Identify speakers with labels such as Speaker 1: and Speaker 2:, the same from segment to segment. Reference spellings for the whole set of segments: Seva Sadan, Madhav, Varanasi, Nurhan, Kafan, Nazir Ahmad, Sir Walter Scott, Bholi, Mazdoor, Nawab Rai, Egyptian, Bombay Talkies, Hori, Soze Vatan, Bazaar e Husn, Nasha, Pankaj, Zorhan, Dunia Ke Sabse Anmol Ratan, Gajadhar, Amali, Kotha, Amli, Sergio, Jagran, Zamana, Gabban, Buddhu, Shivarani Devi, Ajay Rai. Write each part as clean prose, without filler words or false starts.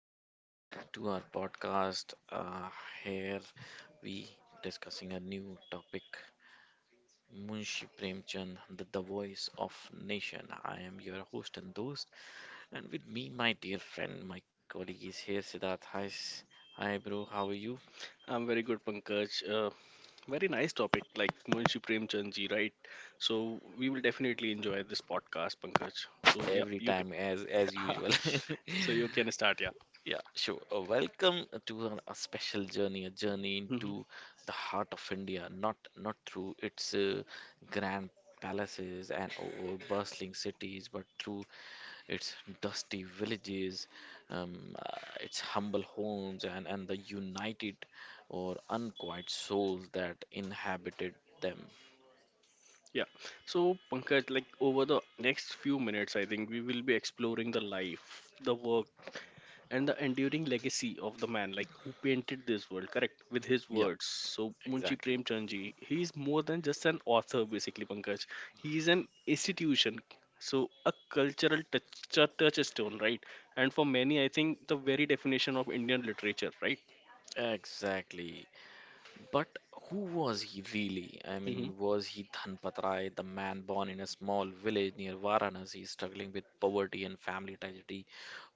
Speaker 1: welcome back to our podcast. Here we discussing a new topic, Munshi Premchand, the voice of nation. I am your host and host, and with me, my dear friend, my colleague is here, Siddharth. Hi, bro. How are you?
Speaker 2: I'm very good, Pankaj. Very nice topic, like Munshi Premchand ji, right? So we will definitely enjoy this podcast, Pankaj. So yeah,
Speaker 1: Every
Speaker 2: you
Speaker 1: time, as
Speaker 2: can.
Speaker 1: usual.
Speaker 2: So you can start, yeah.
Speaker 1: Yeah, sure. Welcome to a special journey, a journey
Speaker 2: Hmm.
Speaker 1: into the heart of India, not through its grand palaces and over bustling cities, but through its dusty villages, its humble homes, and the united or unquiet souls that inhabited them.
Speaker 2: Yeah. So Pankaj, like over the next few minutes, I think we will be exploring the life, the work, and the enduring legacy of the man like who painted this world correct with his
Speaker 1: Yep,
Speaker 2: words. So Munshi
Speaker 1: exactly.
Speaker 2: Premchand ji, he is more than just an author, basically, Pankaj. He is an institution. So a cultural touchstone, right? And for many, I think the very definition of Indian literature, right?
Speaker 1: Exactly. But who was he really? I mean, was he Dhanpat Rai, the man born in a small village near Varanasi, struggling with poverty and family tragedy?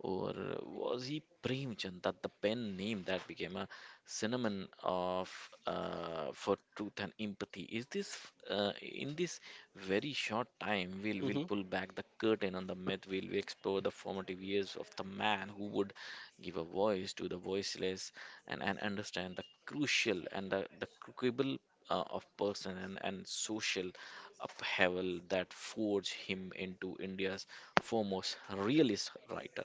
Speaker 1: Or was he Premchand, that the pen name that became a synonym of for truth and empathy? Is this in this very short time we'll
Speaker 2: Hmm.
Speaker 1: pull back the curtain on the myth? We explore the formative years of the man who would give a voice to the voiceless, and understand the crucial and the quibble of person and social upheaval that forged him into India's foremost realist writer.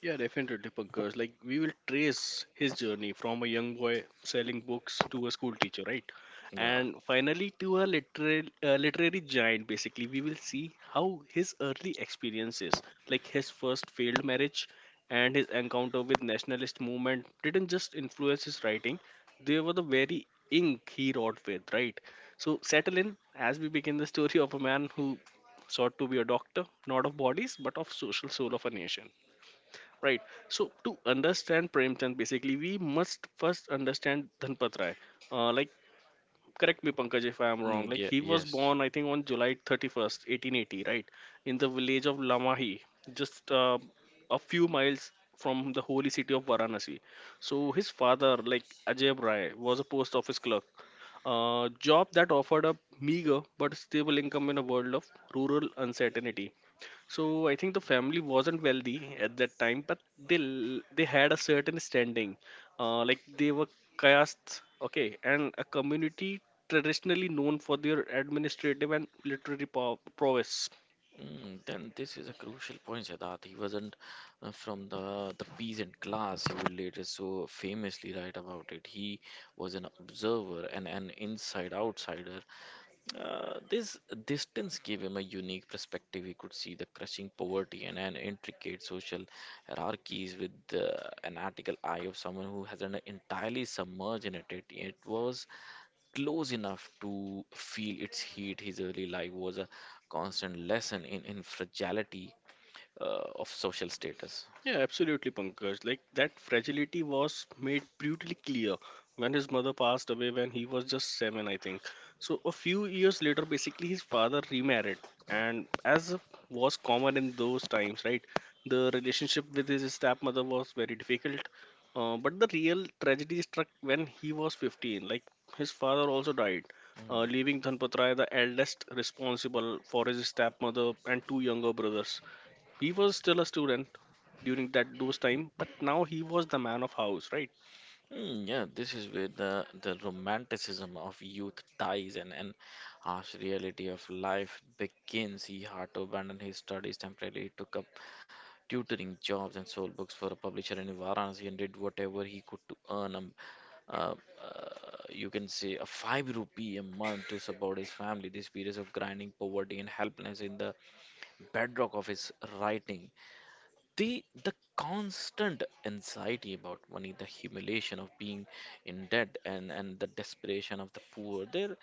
Speaker 2: Yeah, definitely, Pankaj. Like, we will trace his journey from a young boy selling books to a school teacher, right?
Speaker 1: Yeah.
Speaker 2: And finally, to a literary giant, basically. We will see how his early experiences, like his first failed marriage and his encounter with nationalist movement, didn't just influence his writing, they were the very ink he wrote with, right? So, settle in as we begin the story of a man who sought to be a doctor, not of bodies, but of social soul of a nation. Right. So to understand Premchand, basically we must first understand Dhanpat Rai. Like correct me, Pankaj, if I am wrong, like
Speaker 1: Yeah,
Speaker 2: he was
Speaker 1: yes. Yeah.
Speaker 2: born, I think, on July 31st 1880, right? In the village of Lamahi, just a few miles from the holy city of Varanasi. So his father, like Ajay Rai, was a post office clerk, a job that offered a meager but stable income in a world of rural uncertainty. So I think the family wasn't wealthy at that time, but they had a certain standing. Like they were castes, okay, and a community traditionally known for their administrative and literary prowess.
Speaker 1: Mm, then this is a crucial point, Siddharth. He wasn't from the peasant class. He would later so famously write about it. He was an observer and an inside outsider. This distance gave him a unique perspective. He could see the crushing poverty and intricate social hierarchies with an article eye of someone who hasn't entirely submerged in it. It was close enough to feel its heat. His early life was a constant lesson in fragility of social status.
Speaker 2: Yeah, absolutely, Pankaj. Like that fragility was made brutally clear when his mother passed away when he was just seven, I think. So a few years later, basically his father remarried, and as was common in those times, right? The relationship with his stepmother was very difficult. But the real tragedy struck when he was 15. Like his father also died,
Speaker 1: Mm.
Speaker 2: leaving Dhanpatra the eldest responsible for his stepmother and two younger brothers. He was still a student during that those time, but now he was the man of house, right?
Speaker 1: Mm, yeah, this is where the romanticism of youth dies and harsh reality of life begins. He had to abandon his studies temporarily, took up tutoring jobs and sold books for a publisher in Varanasi and did whatever he could to earn a uh, uh, you can say a five rupee a month to support his family. These periods of grinding, poverty, and helplessness in the bedrock of his writing, the constant anxiety about money, the humiliation of being in debt, and the desperation of the poor there.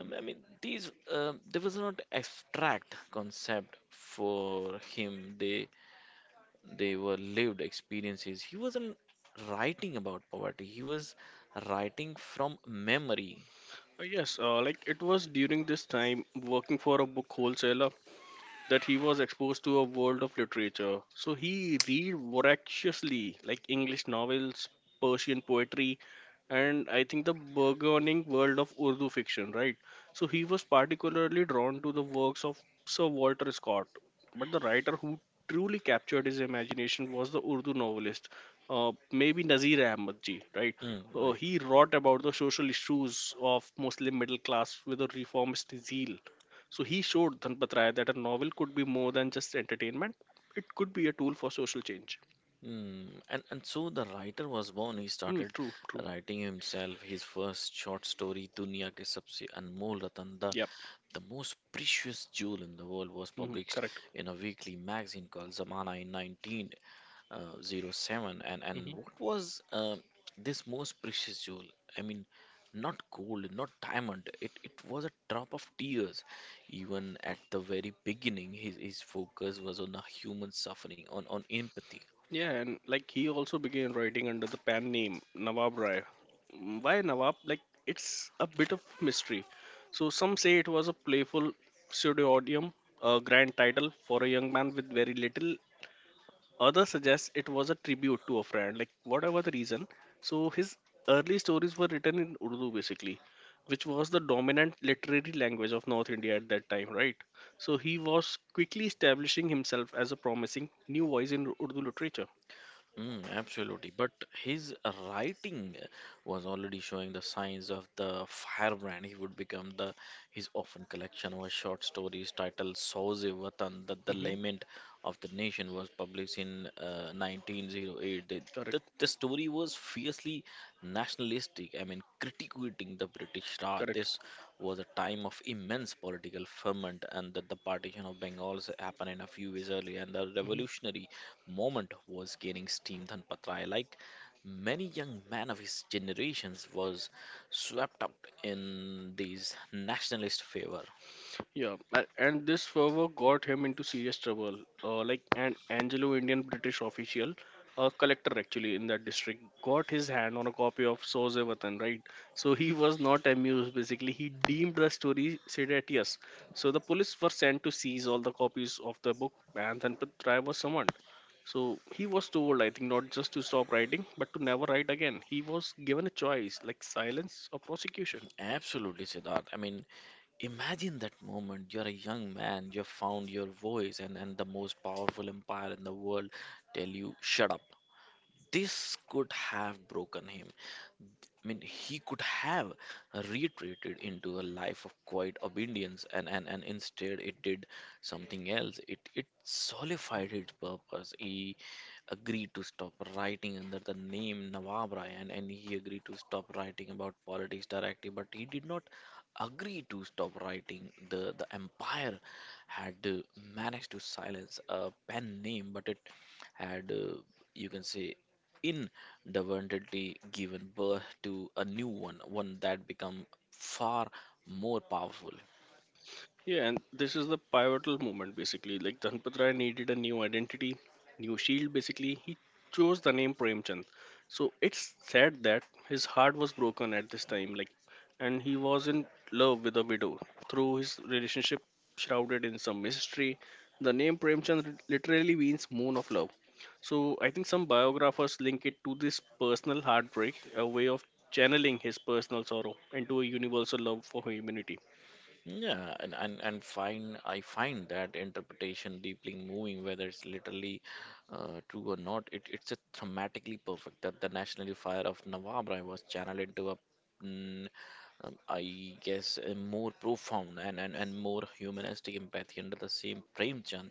Speaker 1: I mean, these there was not abstract concept for him. They were lived experiences. He wasn't writing about poverty, he was writing from memory.
Speaker 2: Yes, like it was during this time working for a book wholesaler that he was exposed to a world of literature. So he read voraciously, like English novels, Persian poetry, and I think the burgeoning world of Urdu fiction, right? So he was particularly drawn to the works of Sir Walter Scott. But the writer who truly captured his imagination was the Urdu novelist, maybe Nazir Ahmad ji, right?
Speaker 1: Mm, right.
Speaker 2: He wrote about the social issues of Muslim middle class with a reformist zeal. So he showed Dhanpat Rai that a novel could be more than just entertainment. It could be a tool for social change.
Speaker 1: Mm, and so the writer was born. He
Speaker 2: Hmm,
Speaker 1: started
Speaker 2: true.
Speaker 1: writing himself his first short story, Dunia Ke Sabse Anmol Ratan,
Speaker 2: Yep.
Speaker 1: the most precious jewel in the world, was
Speaker 2: Hmm,
Speaker 1: published
Speaker 2: correct.
Speaker 1: in a weekly magazine called Zamana in 1907. And
Speaker 2: Hmm.
Speaker 1: what was this most precious jewel? I mean, not gold, not diamond. It was a drop of tears. Even at the very beginning, his focus was on the human suffering, on empathy.
Speaker 2: Yeah, and like he also began writing under the pen name Nawab Rai. Mm, why Nawab? Like it's a bit of mystery. So some say it was a playful pseudonym, a grand title for a young man with very little. Others suggest it was a tribute to a friend, like whatever the reason. So his early stories were written in Urdu, basically, which was the dominant literary language of North India at that time, right? So he was quickly establishing himself as a promising new voice in Urdu literature.
Speaker 1: Mm, absolutely. But his writing was already showing the signs of the firebrand. He would become the his often collection of short stories titled Soze Vatan, that the
Speaker 2: Hmm.
Speaker 1: lament of the nation was published in 1908. The, the,
Speaker 2: Correct,
Speaker 1: the story was fiercely nationalistic, I mean, critiquing the British Raj.
Speaker 2: correct.
Speaker 1: This was a time of immense political ferment, and that the partition of Bengal happened in a few years earlier, and the revolutionary moment was gaining steam. Dhanpatrai, like many young men of his generations, was swept up in these nationalist favor.
Speaker 2: Yeah, and this fervor got him into serious trouble. Like an Anglo-Indian British official, a collector actually in that district, got his hand on a copy of Soze Vatan, right? So he was not amused. Basically, he deemed the story seditious. So the police were sent to seize all the copies of the book, and Tanpat Rai was summoned. So he was told, I think, not just to stop writing, but to never write again. He was given a choice, like silence or prosecution.
Speaker 1: Absolutely, Siddharth. I mean, imagine that moment. You're a young man, you've found your voice, and the most powerful empire in the world tell you, shut up. This could have broken him. I mean, he could have retreated into a life of quiet obedience, and instead it did something else. It solidified its purpose. He agreed to stop writing under the name Nawab Rai, and he agreed to stop writing about politics directly, but he did not agree to stop writing. The empire had managed to silence a pen name, but it had, uh, you can say, inadvertently given birth to a new one, one that become far more powerful.
Speaker 2: Yeah, and this is the pivotal moment, basically. Like Dhanpat Rai needed a new identity, new shield, basically. He chose the name Premchand. So it's sad that his heart was broken at this time, like and he was in love with a widow. Through his relationship shrouded in some mystery, the name Premchand literally means moon of love. So I think some biographers link it to this personal heartbreak, a way of channeling his personal sorrow into a universal love for humanity.
Speaker 1: Yeah, and find I find that interpretation deeply moving, whether it's literally true or not. It, it's a dramatically perfect that the national fire of Nawabrai was channeled into a mm, I guess a more profound and more humanistic empathy under the same Premchand.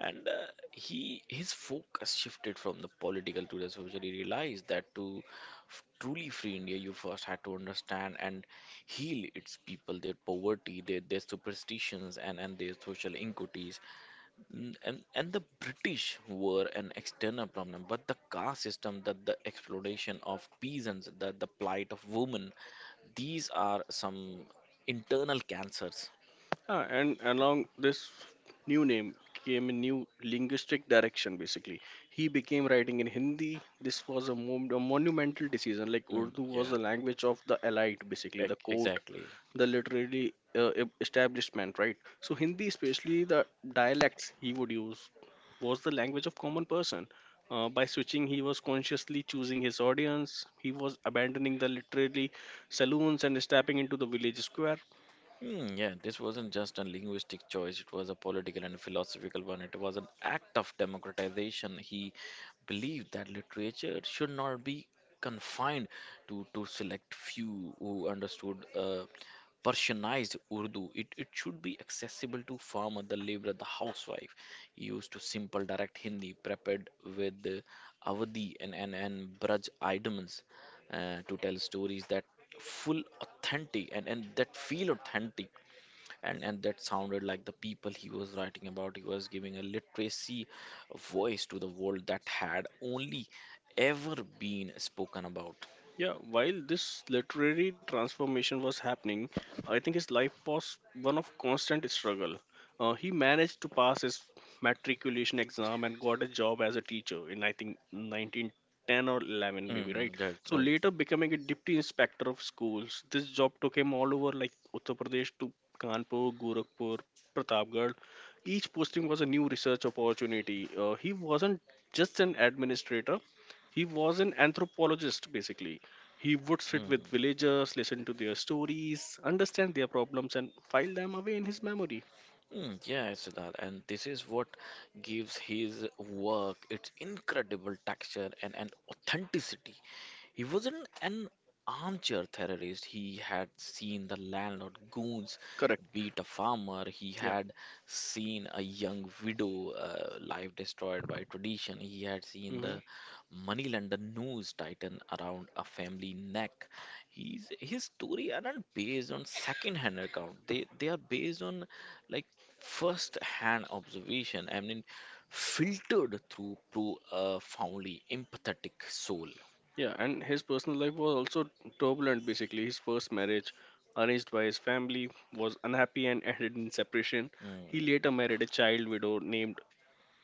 Speaker 1: And he his focus shifted from the political to the social. He realized that to truly free India, you first had to understand and heal its people, their poverty, their superstitions, and their social inequities. Mm, and the British were an external problem, but the caste system, that the exploitation of peasants, that the plight of women, these are some internal cancers.
Speaker 2: Ah, and along this new name came a new linguistic direction, basically. He became writing in Hindi. This was a, a monumental decision. Like
Speaker 1: Mm,
Speaker 2: Urdu was
Speaker 1: yeah,
Speaker 2: the language of the elite, basically, the court,
Speaker 1: exactly.
Speaker 2: the literary establishment, right? So, Hindi, especially the dialects he would use, was the language of common person. By switching, he was consciously choosing his audience. He was abandoning the literary saloons and stepping into the village square.
Speaker 1: Hmm, yeah, this wasn't just a linguistic choice, it was a political and philosophical one. It was an act of democratization. He believed that literature should not be confined to select few who understood Persianized Urdu. It should be accessible to farmer, the laborer, the housewife. He used to simple direct Hindi prepared with Avadi and, and Braj idioms to tell stories that full authentic and that feel authentic and that sounded like the people he was writing about. He was giving a literacy voice to the world that had only ever been spoken about.
Speaker 2: Yeah, while this literary transformation was happening, I think his life was one of constant struggle. He managed to pass his matriculation exam and got a job as a teacher in I think 1910 or 11 maybe, right? So
Speaker 1: Right.
Speaker 2: later becoming a deputy inspector of schools. This job took him all over, like Uttar Pradesh, to Kanpur, Gorakhpur, Pratapgarh. Each posting was a new research opportunity. He wasn't just an administrator, he was an anthropologist, basically. He would sit with
Speaker 1: Mm,
Speaker 2: villagers, listen to their stories, understand their problems, and file them away in his memory.
Speaker 1: yeah, Siddharth, and this is what gives his work its incredible texture and authenticity. He wasn't an armchair terrorist. He had seen the landlord goons
Speaker 2: Correct.
Speaker 1: beat a farmer. He
Speaker 2: Yeah.
Speaker 1: had seen a young widow life destroyed by tradition. He had seen
Speaker 2: Hmm.
Speaker 1: the moneylender noose tighten around a family neck. His story aren't based on second-hand account. They are based on like first-hand observation. I mean, filtered through a profoundly empathetic soul.
Speaker 2: Yeah, and his personal life was also turbulent, basically. His first marriage, arranged by his family, was unhappy and ended in separation. He
Speaker 1: Hmm.
Speaker 2: later married a child widow named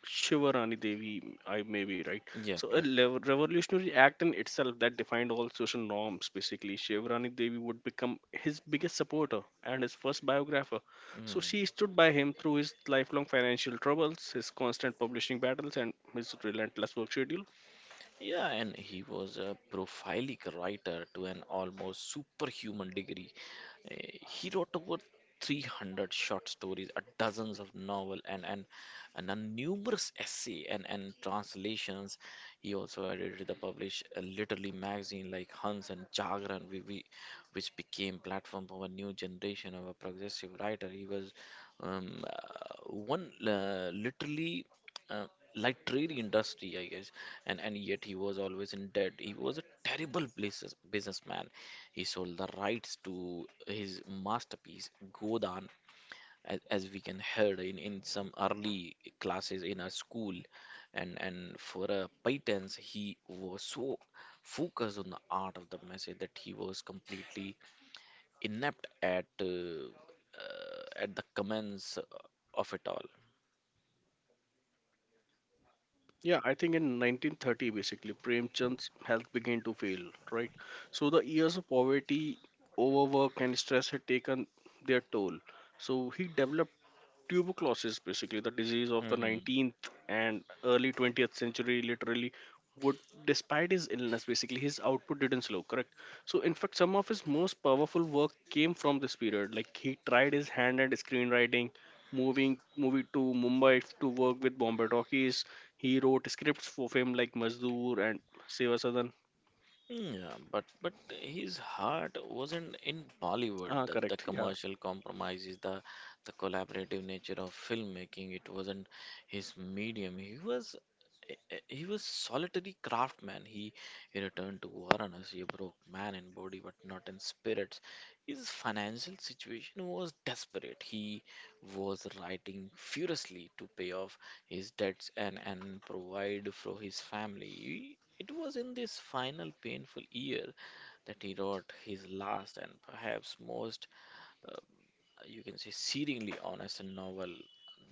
Speaker 2: Shivarani Devi, I may be right.
Speaker 1: Yeah,
Speaker 2: So a
Speaker 1: yeah.
Speaker 2: revolutionary act in itself that defined all social norms. Basically, Shivarani Devi would become his biggest supporter and his first biographer. So
Speaker 1: Mm.
Speaker 2: she stood by him through his lifelong financial troubles, his constant publishing battles, and his relentless work schedule.
Speaker 1: Yeah, and he was a prolific writer to an almost superhuman degree. He wrote over 300 short stories, a dozens of novel, and a numerous essay and translations. He also edited the published literary magazine like Hans and Jagran. We which became platform for a new generation of a progressive writer. He was one literally uh, literary industry, I guess, and yet he was always in debt. He was a terrible businessman. He sold the rights to his masterpiece Godan, as we can heard in some early classes in our school, and for a patents he was so focused on the art of the message that he was completely inept at the commence of it all.
Speaker 2: Yeah, I think in 1930, basically, Premchand's health began to fail, right? So the years of poverty, overwork, and stress had taken their toll. So he developed tuberculosis, basically, the disease of the
Speaker 1: Hmm.
Speaker 2: 19th and early 20th century, literally. Would, despite his illness, basically, his output didn't slow, correct? So, in fact, some of his most powerful work came from this period. Like, he tried his hand at screenwriting, moving to Mumbai to work with Bombay Talkies. He wrote scripts for films like Mazdoor and Seva Sadan.
Speaker 1: Yeah, but his heart wasn't in Bollywood.
Speaker 2: Ah,
Speaker 1: The
Speaker 2: correct. Yeah.
Speaker 1: commercial compromises, the collaborative nature of filmmaking. It wasn't his medium. He was he was solitary craftsman. He returned to Varanasi a broke man in body but not in spirits. His financial situation was desperate. He was writing furiously to pay off his debts and provide for his family. It was in this final painful year that he wrote his last and perhaps most, uh, you can say, searingly honest novel,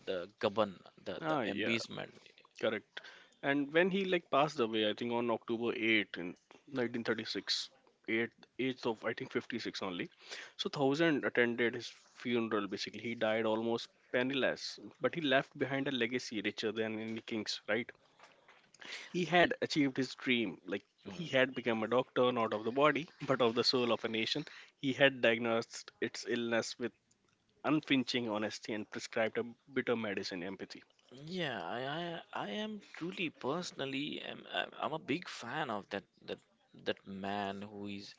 Speaker 1: The Gabban,
Speaker 2: Ah,
Speaker 1: the
Speaker 2: yeah.
Speaker 1: Embitment.
Speaker 2: Correct. And when he like passed away, I think on October 8 in 1936, 8, age of I think 56 only. So thousand attended his funeral. Basically, he died almost penniless, but he left behind a legacy richer than any king's. Right? He
Speaker 1: Yeah.
Speaker 2: had achieved his dream. Like he
Speaker 1: Hmm.
Speaker 2: had become a doctor, not of the body, but of the soul of a nation. He had diagnosed its illness with unflinching honesty and prescribed a bitter medicine empathy.
Speaker 1: Yeah, I am truly personally I'm a big fan of that man who is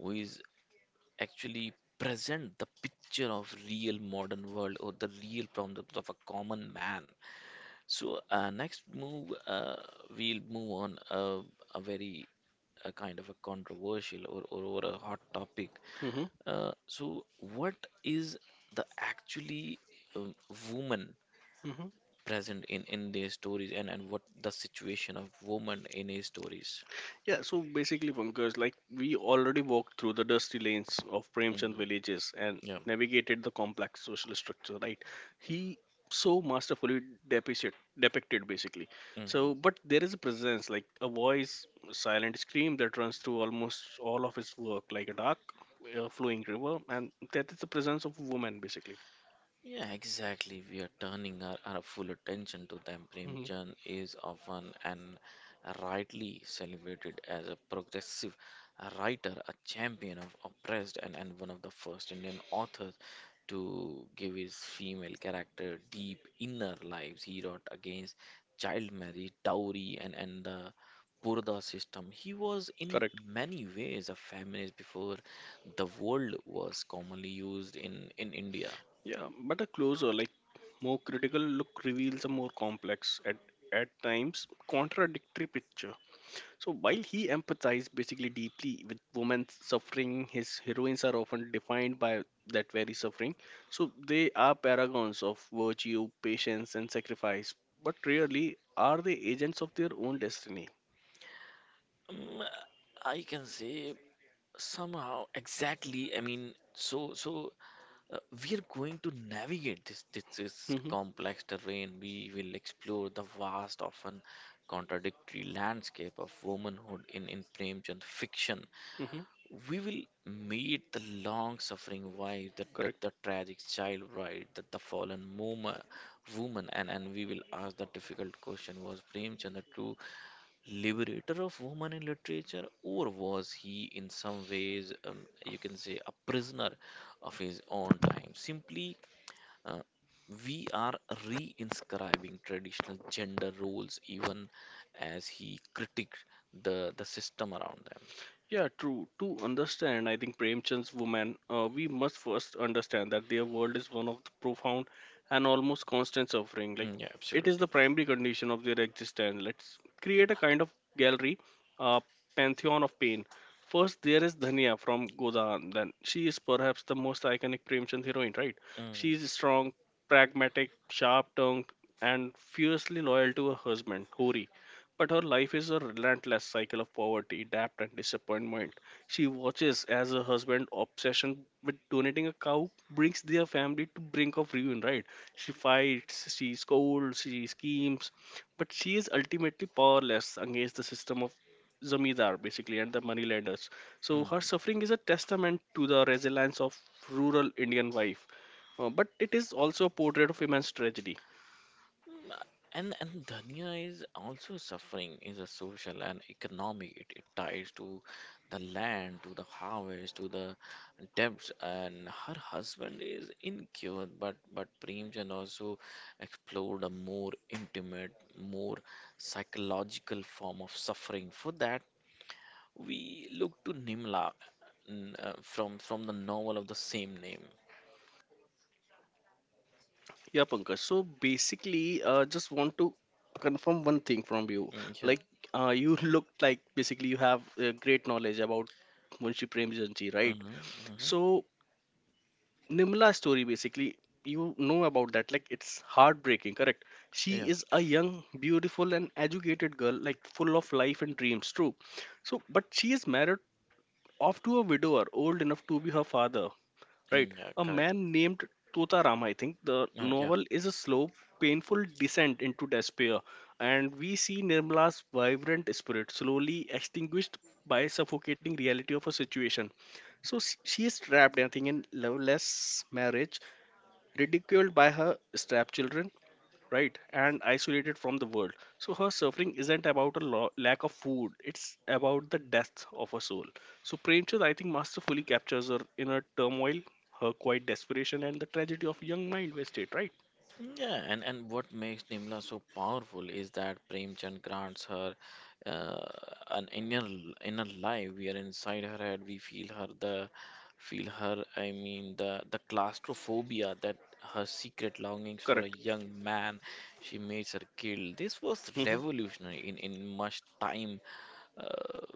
Speaker 1: who is actually present the picture of real modern world or the real problems of a common man. So next move we'll move on a very a kind of a controversial or a hot topic.
Speaker 2: Hmm.
Speaker 1: So what is the actually um, woman
Speaker 2: Hmm.
Speaker 1: present in their stories and what the situation of women in his stories.
Speaker 2: Yeah, so basically, Pankaj, like we already walked through the dusty lanes of Premchand
Speaker 1: Hmm.
Speaker 2: villages and
Speaker 1: Yeah.
Speaker 2: navigated the complex social structure, right? He so masterfully depicted, depicted, basically.
Speaker 1: Hmm.
Speaker 2: So, but there is a presence, like a voice, a silent scream that runs through almost all of his work, like a dark, flowing river, and that is the presence of a woman, basically.
Speaker 1: Yeah, exactly. We are turning our full attention to them.
Speaker 2: Hmm.
Speaker 1: Premchand is often and rightly celebrated as a progressive writer, a champion of oppressed, and one of the first Indian authors to give his female character deep inner lives. He wrote against child marriage, dowry, and the Purda system. He was in
Speaker 2: Correct.
Speaker 1: many ways a feminist before the word was commonly used in India.
Speaker 2: Yeah, but a closer, like more critical look reveals a more complex, at times contradictory picture. So while he empathized basically deeply with women's suffering, his heroines are often defined by that very suffering. So they are paragons of virtue, patience, and sacrifice, but rarely are they agents of their own destiny.
Speaker 1: Mm, I can say somehow exactly. I mean, we are going to navigate this
Speaker 2: Hmm.
Speaker 1: complex terrain. We will explore the vast, often contradictory landscape of womanhood in Premchand fiction.
Speaker 2: Hmm.
Speaker 1: We will meet the long-suffering wife,
Speaker 2: Correct.
Speaker 1: the tragic child bride, the fallen woman, woman, and we will ask the difficult question: Was Premchand a true liberator of women in literature, or was he in some ways, you can say, a prisoner of his own time? Simply, uh, we are re-inscribing traditional gender roles even as he critiqued the system around them.
Speaker 2: Yeah, true. To understand, I think Premchand's woman, we must first understand that their world is one of the profound and almost constant suffering. Like
Speaker 1: Mm, yeah,
Speaker 2: it is the
Speaker 1: absolutely.
Speaker 2: primary condition of their existence. Let's create a kind of gallery, a pantheon of pain. First, there is Dhania from Godan. Then she is perhaps the most iconic Premchand heroine, right? She
Speaker 1: Mm,
Speaker 2: is strong, pragmatic, sharp-tongued, and fiercely loyal to her husband, Hori, but her life is a relentless cycle of poverty, debt, and disappointment. She watches as her husband's obsession with donating a cow brings their family to brink of ruin, right? She fights, she scolds, she schemes, but she is ultimately powerless against the system of zamindar, basically, and the moneylenders. So her
Speaker 1: mm.
Speaker 2: suffering is a testament to the resilience of rural Indian wife, but it is also a portrait of immense tragedy.
Speaker 1: Mm, and Dhania is also suffering is a social and economic. It ties to the land, to the harvest, to the debts, and her husband is incured. But Premchand also explored a more intimate, more psychological form of suffering. For that, we look to Nimla from the novel of the same name.
Speaker 2: Yeah, Pankaj. So basically, just want to confirm one thing from you.
Speaker 1: Mm, yeah.
Speaker 2: Like, you look like basically you have great knowledge about Munshi Premchand, right?
Speaker 1: Hmm, hmm.
Speaker 2: So Nimla's story, basically, about that, like, it's heartbreaking, correct? She
Speaker 1: Yeah.
Speaker 2: is a young, beautiful, and educated girl, like full of life and dreams, true? So but she is married off to a widower old enough to be her father, right?
Speaker 1: Mm, yeah.
Speaker 2: A
Speaker 1: Correct.
Speaker 2: man named Totaram, I think. The
Speaker 1: Yeah.
Speaker 2: novel is a slow, painful descent into despair, and we see Nirmala's vibrant spirit slowly extinguished by suffocating reality of her situation. So she is trapped, I think, in loveless marriage, ridiculed by her step children, right, and isolated from the world. So her suffering isn't about a lack of food, it's about the death of her soul. So Premchand, I think, masterfully captures her inner turmoil, her quiet desperation, and the tragedy of young mind wasted, right?
Speaker 1: Yeah, and what makes Nimla so powerful is that Premchand grants her uh, an inner life. We are inside her head. We feel her the feel her. The claustrophobia that her secret longings for a
Speaker 2: Correct.
Speaker 1: young man she makes her kill. This was
Speaker 2: Hmm.
Speaker 1: revolutionary in much time uh,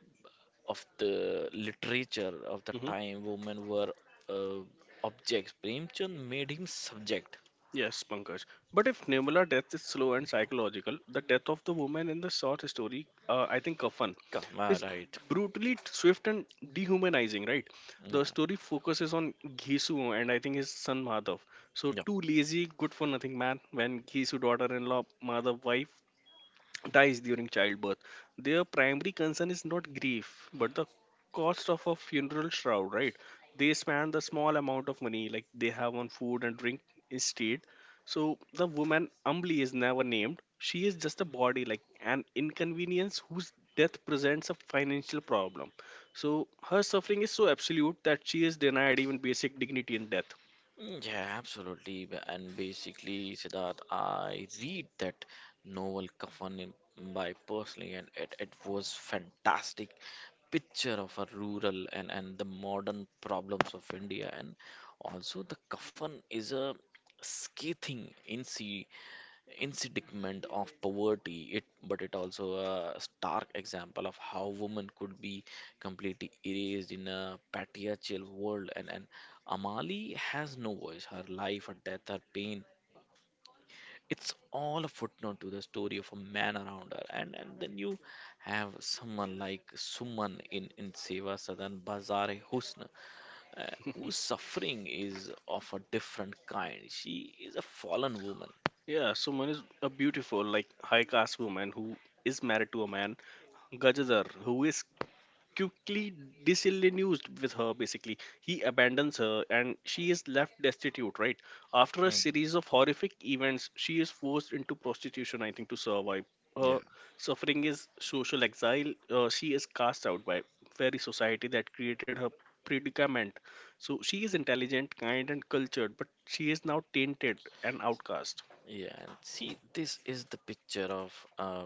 Speaker 1: of the literature of the time. Women were uh, objects. Premchand made him subject.
Speaker 2: Yes, Pankaj. But if Nirmala death is slow and psychological, the death of the woman in the short story, I think Kafan, is
Speaker 1: Right.
Speaker 2: brutally swift and dehumanizing, right?
Speaker 1: Uh,
Speaker 2: The story focuses on Gisu and, I think, his son Madhav. So
Speaker 1: yeah.
Speaker 2: two lazy, good for nothing man. When Gisu daughter-in-law, Madhav wife, dies during childbirth. Their primary concern is not grief, but the cost of a funeral shroud, right? They spend the small amount of money like they have on food and drink instead. So the woman Amli is never named. She is just a body, like an inconvenience whose death presents a financial problem. So her suffering is so absolute that she is denied even basic dignity in death.
Speaker 1: Yeah, absolutely. And basically, Siddharth, I read that novel Kafan by personally, and it was fantastic picture of a rural and the modern problems of India. And also, the Kafan is a scathing, insi incident of poverty, it but it also a stark example of how women could be completely erased in a patriarchal world, and Amali has no voice, her life, her death, her pain, it's all a footnote to the story of a man around her. And then you have someone like Suman in in Seva Sadan Bazaar e Husn, whose suffering is of a different kind. She is a fallen woman.
Speaker 2: Yeah, so Suman is a beautiful, like high caste woman who is married to a man Gajadhar, who is quickly disillusioned with her. Basically, he abandons her and she is left destitute, right? After a
Speaker 1: Mhm.
Speaker 2: series of horrific events she is forced into prostitution, I think, to survive.
Speaker 1: Yeah.
Speaker 2: Her suffering is social exile. She is cast out by very society that created her predicament. So she is intelligent, kind, and cultured, but she is now tainted and outcast.
Speaker 1: Yeah, and see, this is the picture of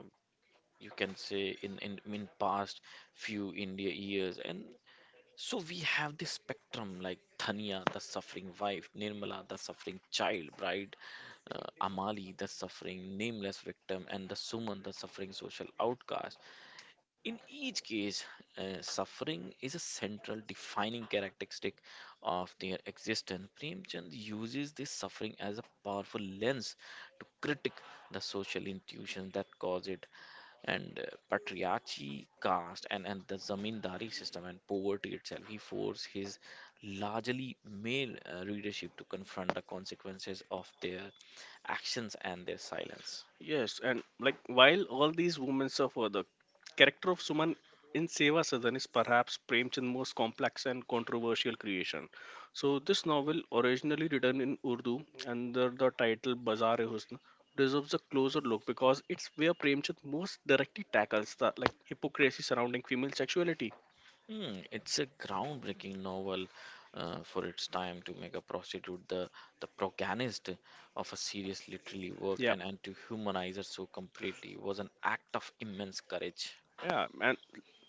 Speaker 1: you can say in, in past few India years, and so we have this spectrum like Thania, the suffering wife, Nirmala, the suffering child, bride, uh, Amali, the suffering nameless victim, and the Suman, the suffering social outcast. In each case, suffering is a central defining characteristic of their existence. Premchand uses this suffering as a powerful lens to critique the social institutions that cause it, and patriarchy, caste, and the zamindari system and poverty itself. He forced his largely male readership to confront the consequences of their actions and their silence.
Speaker 2: Yes, and like while all these women suffer, the character of Suman in Seva Sadan is perhaps Premchand's most complex and controversial creation. So this novel, originally written in Urdu under the title Bazaar e Husn, deserves a closer look because it's where Premchand most directly tackles the like hypocrisy surrounding female sexuality.
Speaker 1: Hmm, it's a groundbreaking novel for its time. To make a prostitute the protagonist of a serious literary work,
Speaker 2: Yeah.
Speaker 1: and to humanize her so completely was an act of immense courage.
Speaker 2: Yeah, and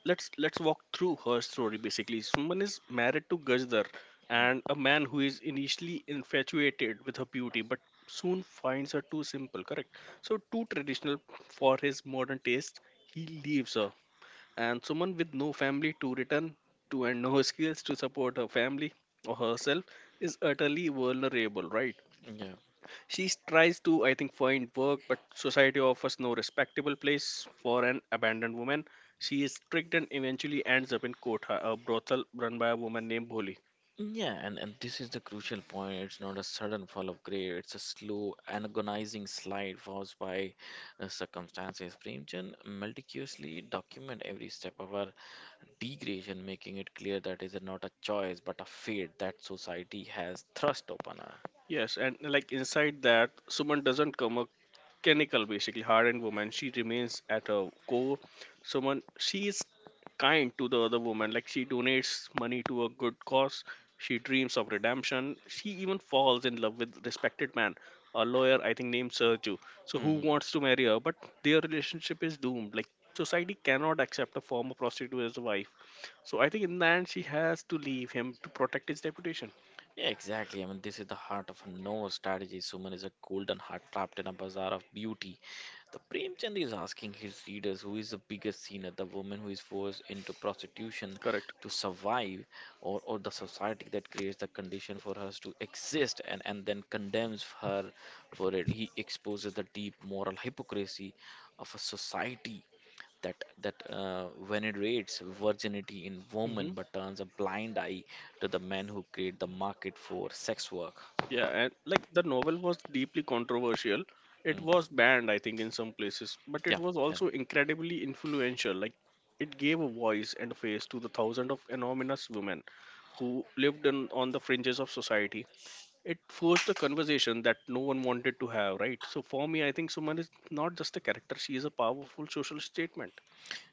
Speaker 2: let's walk through her story, basically. Suman is married to Gajdar, and a man who is initially infatuated with her beauty but soon finds her too simple, correct? So too traditional for his modern taste, he leaves her. And Suman, with no family to return to and no skills to support her family or herself, is utterly vulnerable, right?
Speaker 1: Hmm.
Speaker 2: She tries to, I think, find work, but society offers no respectable place for an abandoned woman. She is tricked and eventually ends up in Kotha, a brothel run by a woman named Bholi.
Speaker 1: Yeah, and this is the crucial point. It's not a sudden fall of grade, it's a slow, agonizing slide caused by circumstances. Premchand meticulously document every step of our degradation, making it clear that is not a choice but a fate that society has thrust upon us.
Speaker 2: Yes, and like inside that, Suman doesn't come a chemical, basically hardened woman. She remains at her core. Suman, she is kind to the other woman. Like she donates money to a good cause. She dreams of redemption. She even falls in love with respected man, a lawyer I think named Sergio. So who
Speaker 1: Mhm.
Speaker 2: wants to marry her? But their relationship is doomed. Like society cannot accept a former prostitute as a wife. So I think in the end she has to leave him to protect his reputation.
Speaker 1: Yeah, exactly. I mean, this is the heart of a no strategy. Suman is a golden heart trapped in a bazaar of beauty. The Premchand is asking his readers who is the biggest sinner, the woman who is forced into prostitution
Speaker 2: Correct.
Speaker 1: to survive, or the society that creates the condition for us to exist, and then condemns her for it. He exposes the deep moral hypocrisy of a society that venerates virginity in women
Speaker 2: Mhm.
Speaker 1: but turns a blind eye to the men who create the market for sex work.
Speaker 2: Yeah, and like the novel was deeply controversial. It
Speaker 1: Mm,
Speaker 2: was banned, I think, in some places, but it
Speaker 1: yeah,
Speaker 2: was
Speaker 1: yeah.
Speaker 2: also incredibly influential. Like, it gave a voice and a face to the thousands of anonymous women who lived in, on the fringes of society. It forced a conversation that no one wanted to have, right? So, for me, I think Suman is not just a character, she is a powerful social statement.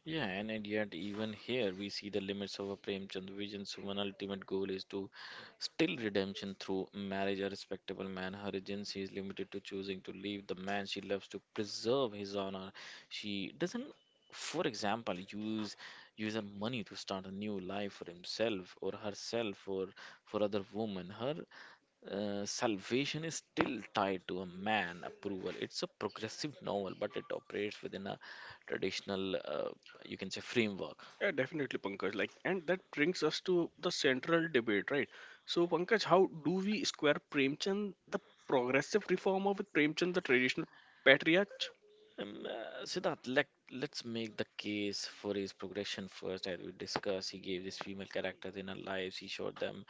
Speaker 1: Yeah, and yet even here we see the limits of a Premchand vision's human ultimate goal is to still redemption through marriage. A respectable man, her agency is limited to choosing to leave the man she loves to preserve his honor. She doesn't, for example, use her money to start a new life for himself or herself or for other women. Her salvation is still tied to a man approval. It's a progressive novel, but it operates within a traditional, you can say, framework.
Speaker 2: Yeah, definitely, Pankaj. Like, and that brings us to the central debate, right? So, Pankaj, how do we square Premchand, the progressive reformer, with Premchand, the traditional patriarch?
Speaker 1: Siddharth, let's make the case for his progression first. As we discussed, he gave these female characters in our lives, he showed them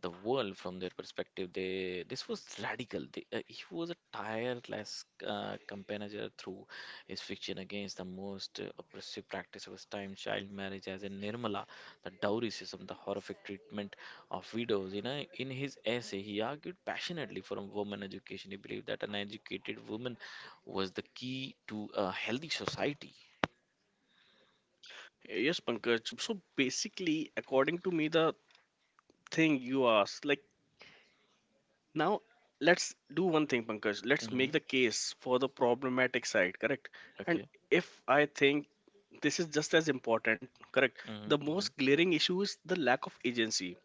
Speaker 1: the world from their perspective. They, this was radical. They, he was a tireless companion through his fiction against the most oppressive practice of his time, child marriage, as in Nirmala, the dowry system, the horrific treatment of widows. You know, in his essay, he argued passionately for a woman education. He believed that an educated woman was the key to a healthy society.
Speaker 2: Yes, Pankaj. So, basically, according to me, the thing you asked, like, now, let's do one thing, Pankaj. Let's
Speaker 1: Mm-hmm.
Speaker 2: make the case for the problematic side, correct? And
Speaker 1: Okay.
Speaker 2: if I think this is just as important, correct?
Speaker 1: Mm-hmm.
Speaker 2: The
Speaker 1: Mm-hmm.
Speaker 2: most glaring issue is the lack of agency.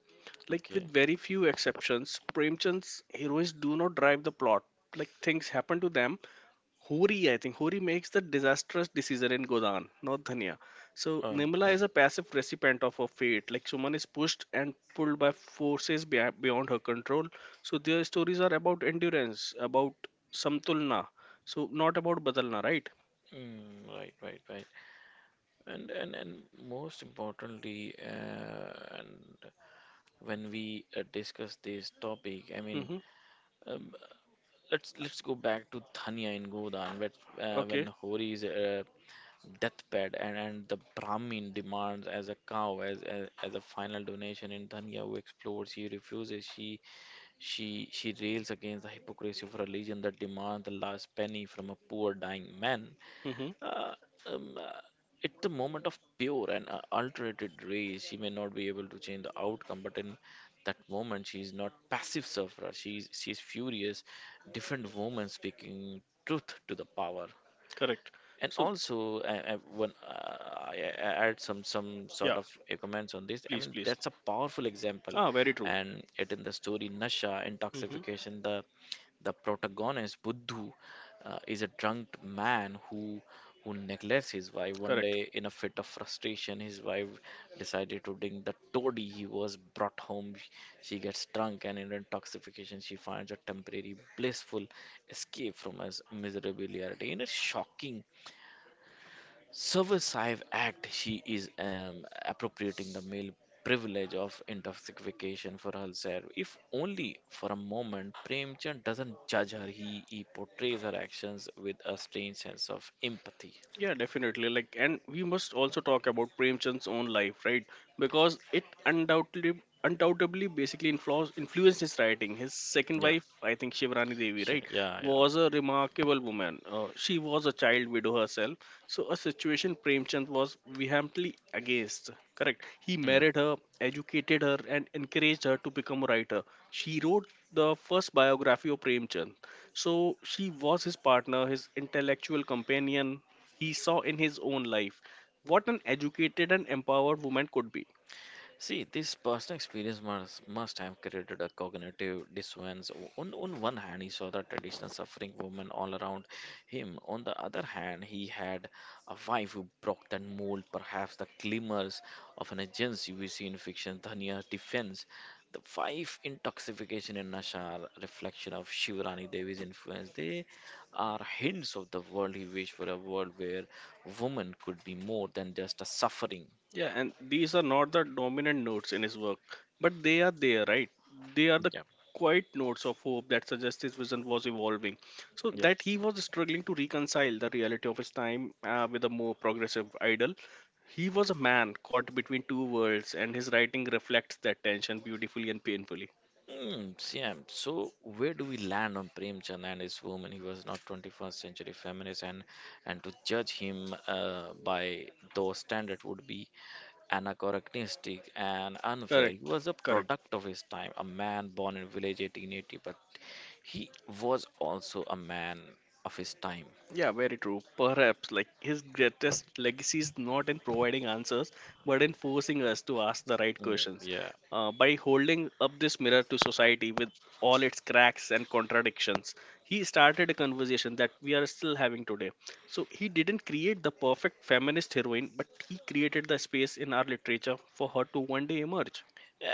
Speaker 2: Like
Speaker 1: Okay.
Speaker 2: with very few exceptions, Premchand's heroes do not drive the plot. Like things happen to them. Hori, I think, Hori makes the disastrous decision in Godan, not Dhania. So
Speaker 1: Oh,
Speaker 2: Nimla
Speaker 1: yeah.
Speaker 2: is a passive recipient of her fate. Like someone is pushed and pulled by forces beyond her control. So their stories are about endurance, about samtulna. So not about badalna, right?
Speaker 1: Mm, right, right, right. And most importantly, and when we discuss this topic, I mean,
Speaker 2: Mm-hmm.
Speaker 1: um, let's go back to Thanya in Godan, where, when
Speaker 2: Okay.
Speaker 1: Hori is deathbed, and the Brahmin demands as a cow as as a final donation, in Dhanya who explores, he refuses, she rails against the hypocrisy of a religion that demands the last penny from a poor dying man.
Speaker 2: Mm-hmm.
Speaker 1: Uh, um, uh, it's a moment of pure and ulterated rage. She may not be able to change the outcome, but in that moment, she is not passive sufferer. She's furious, different woman speaking truth to the power.
Speaker 2: Correct.
Speaker 1: And
Speaker 2: So
Speaker 1: also, when I add some
Speaker 2: yeah,
Speaker 1: sort of comments on this, I
Speaker 2: please,
Speaker 1: mean
Speaker 2: please.
Speaker 1: that's a powerful example,
Speaker 2: Ah, very true.
Speaker 1: and it in the story Nasha
Speaker 2: Mm-hmm.
Speaker 1: intoxication the protagonist Buddhu is a drunk man who neglects his wife. One
Speaker 2: Correct.
Speaker 1: day, in a fit of frustration, his wife decided to drink the toddy he was brought home. She gets drunk, and in intoxication, she finds a temporary blissful escape from his miserable reality. And it's shocking subversive act. She is appropriating the male privilege of intoxication for herself, if only for a moment. Premchand doesn't judge her. He portrays her actions with a strange sense of empathy.
Speaker 2: Yeah, definitely. Like, and we must also talk about Premchand's own life, right? Because it undoubtedly, undoubtedly, basically influenced his writing. His second
Speaker 1: Yeah.
Speaker 2: wife, I think Shivrani Devi,
Speaker 1: She,
Speaker 2: right,
Speaker 1: yeah, yeah.
Speaker 2: was a remarkable woman. She was a child widow herself, so a situation Premchand was vehemently against. Correct. He
Speaker 1: Yeah.
Speaker 2: married her, educated her, and encouraged her to become a writer. She wrote the first biography of Premchand. So she was his partner, his intellectual companion, he saw in his own life what an educated and empowered woman could be.
Speaker 1: See, this personal experience must have created a cognitive dissonance. On one hand, he saw the traditional suffering woman all around him. On the other hand, he had a wife who broke that mold. Perhaps the glimmers of an agency we see in fiction, Dhania's defense. The wife intoxication in Nashar, reflection of Shivrani Devi's influence. They are hints of the world he wished for, a world where woman could be more than just a suffering.
Speaker 2: Yeah, and these are not the dominant notes in his work, but they are there, right? They are
Speaker 1: Yeah,
Speaker 2: the
Speaker 1: yeah.
Speaker 2: quiet notes of hope that suggest his vision was evolving. So that he was struggling to reconcile the reality of his time with a more progressive ideal. He was a man caught between two worlds, and his writing reflects that tension beautifully and painfully.
Speaker 1: Mm, Siam. So where do we land on Prem Chand and his woman? He was not 21st century feminist, and to judge him by those standards would be anachronistic and unfair. He
Speaker 2: Correct,
Speaker 1: was a
Speaker 2: correct.
Speaker 1: product of his time, a man born in village 1880, but he was also a man of his time.
Speaker 2: Yeah, very true. Perhaps like his greatest legacy is not in providing answers, but in forcing us to ask the right
Speaker 1: Mm,
Speaker 2: questions.
Speaker 1: yeah.
Speaker 2: By holding up this mirror to society with all its cracks and contradictions, he started a conversation that we are still having today. So he didn't create the perfect feminist heroine, but he created the space in our literature for her to one day emerge.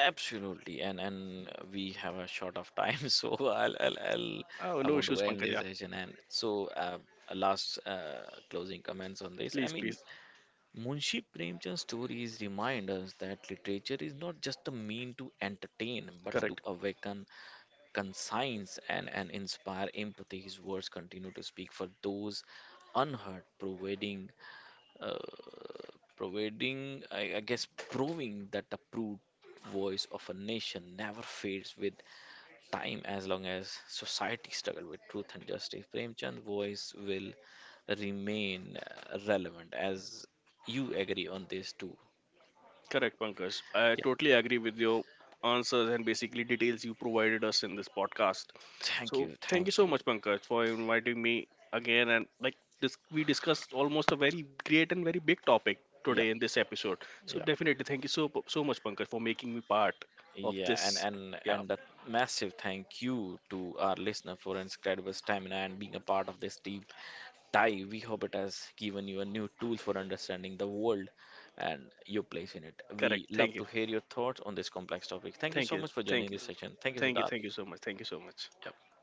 Speaker 1: Absolutely, and we have a short of time, so I'll.
Speaker 2: Oh,
Speaker 1: I
Speaker 2: no
Speaker 1: want to
Speaker 2: issues,
Speaker 1: end this
Speaker 2: Pankaja.
Speaker 1: session. And so, a last closing comments on this. I
Speaker 2: Please,
Speaker 1: mean,
Speaker 2: please.
Speaker 1: Munshi Premchand's stories remind us that literature is not just a mean to entertain, but to
Speaker 2: Correct.
Speaker 1: awaken conscience and inspire empathy. His words continue to speak for those unheard, providing uh, I guess, proving that the proud voice of a nation never fades with time as long as society struggle with truth and justice. Premchand's voice will remain relevant as you agree on this too.
Speaker 2: Correct, Pankaj. I
Speaker 1: Yeah,
Speaker 2: totally agree with your answers and basically details you provided us in this podcast.
Speaker 1: thank
Speaker 2: So
Speaker 1: you,
Speaker 2: thank you
Speaker 1: thank
Speaker 2: so
Speaker 1: you.
Speaker 2: much, Pankaj, for inviting me again. And like this, we discussed almost a very great and very big topic
Speaker 1: Yeah,
Speaker 2: today in this episode. So
Speaker 1: yeah.
Speaker 2: definitely, thank you so so much, Pankaj, for making me part of
Speaker 1: Yeah, and
Speaker 2: this.
Speaker 1: and
Speaker 2: Yeah,
Speaker 1: and a massive thank you to our listener for incredible stamina and being a part of this deep dive. We hope it has given you a new tool for understanding the world and your place in it.
Speaker 2: correct.
Speaker 1: We
Speaker 2: Thank
Speaker 1: love
Speaker 2: you.
Speaker 1: to hear your thoughts on this complex topic. Thank you
Speaker 2: Thank
Speaker 1: so
Speaker 2: you.
Speaker 1: much for
Speaker 2: Thank
Speaker 1: joining
Speaker 2: you.
Speaker 1: this session. Thank you,
Speaker 2: Thank you.
Speaker 1: Siddharth.
Speaker 2: Thank you so much. Thank you so much.
Speaker 1: Yep.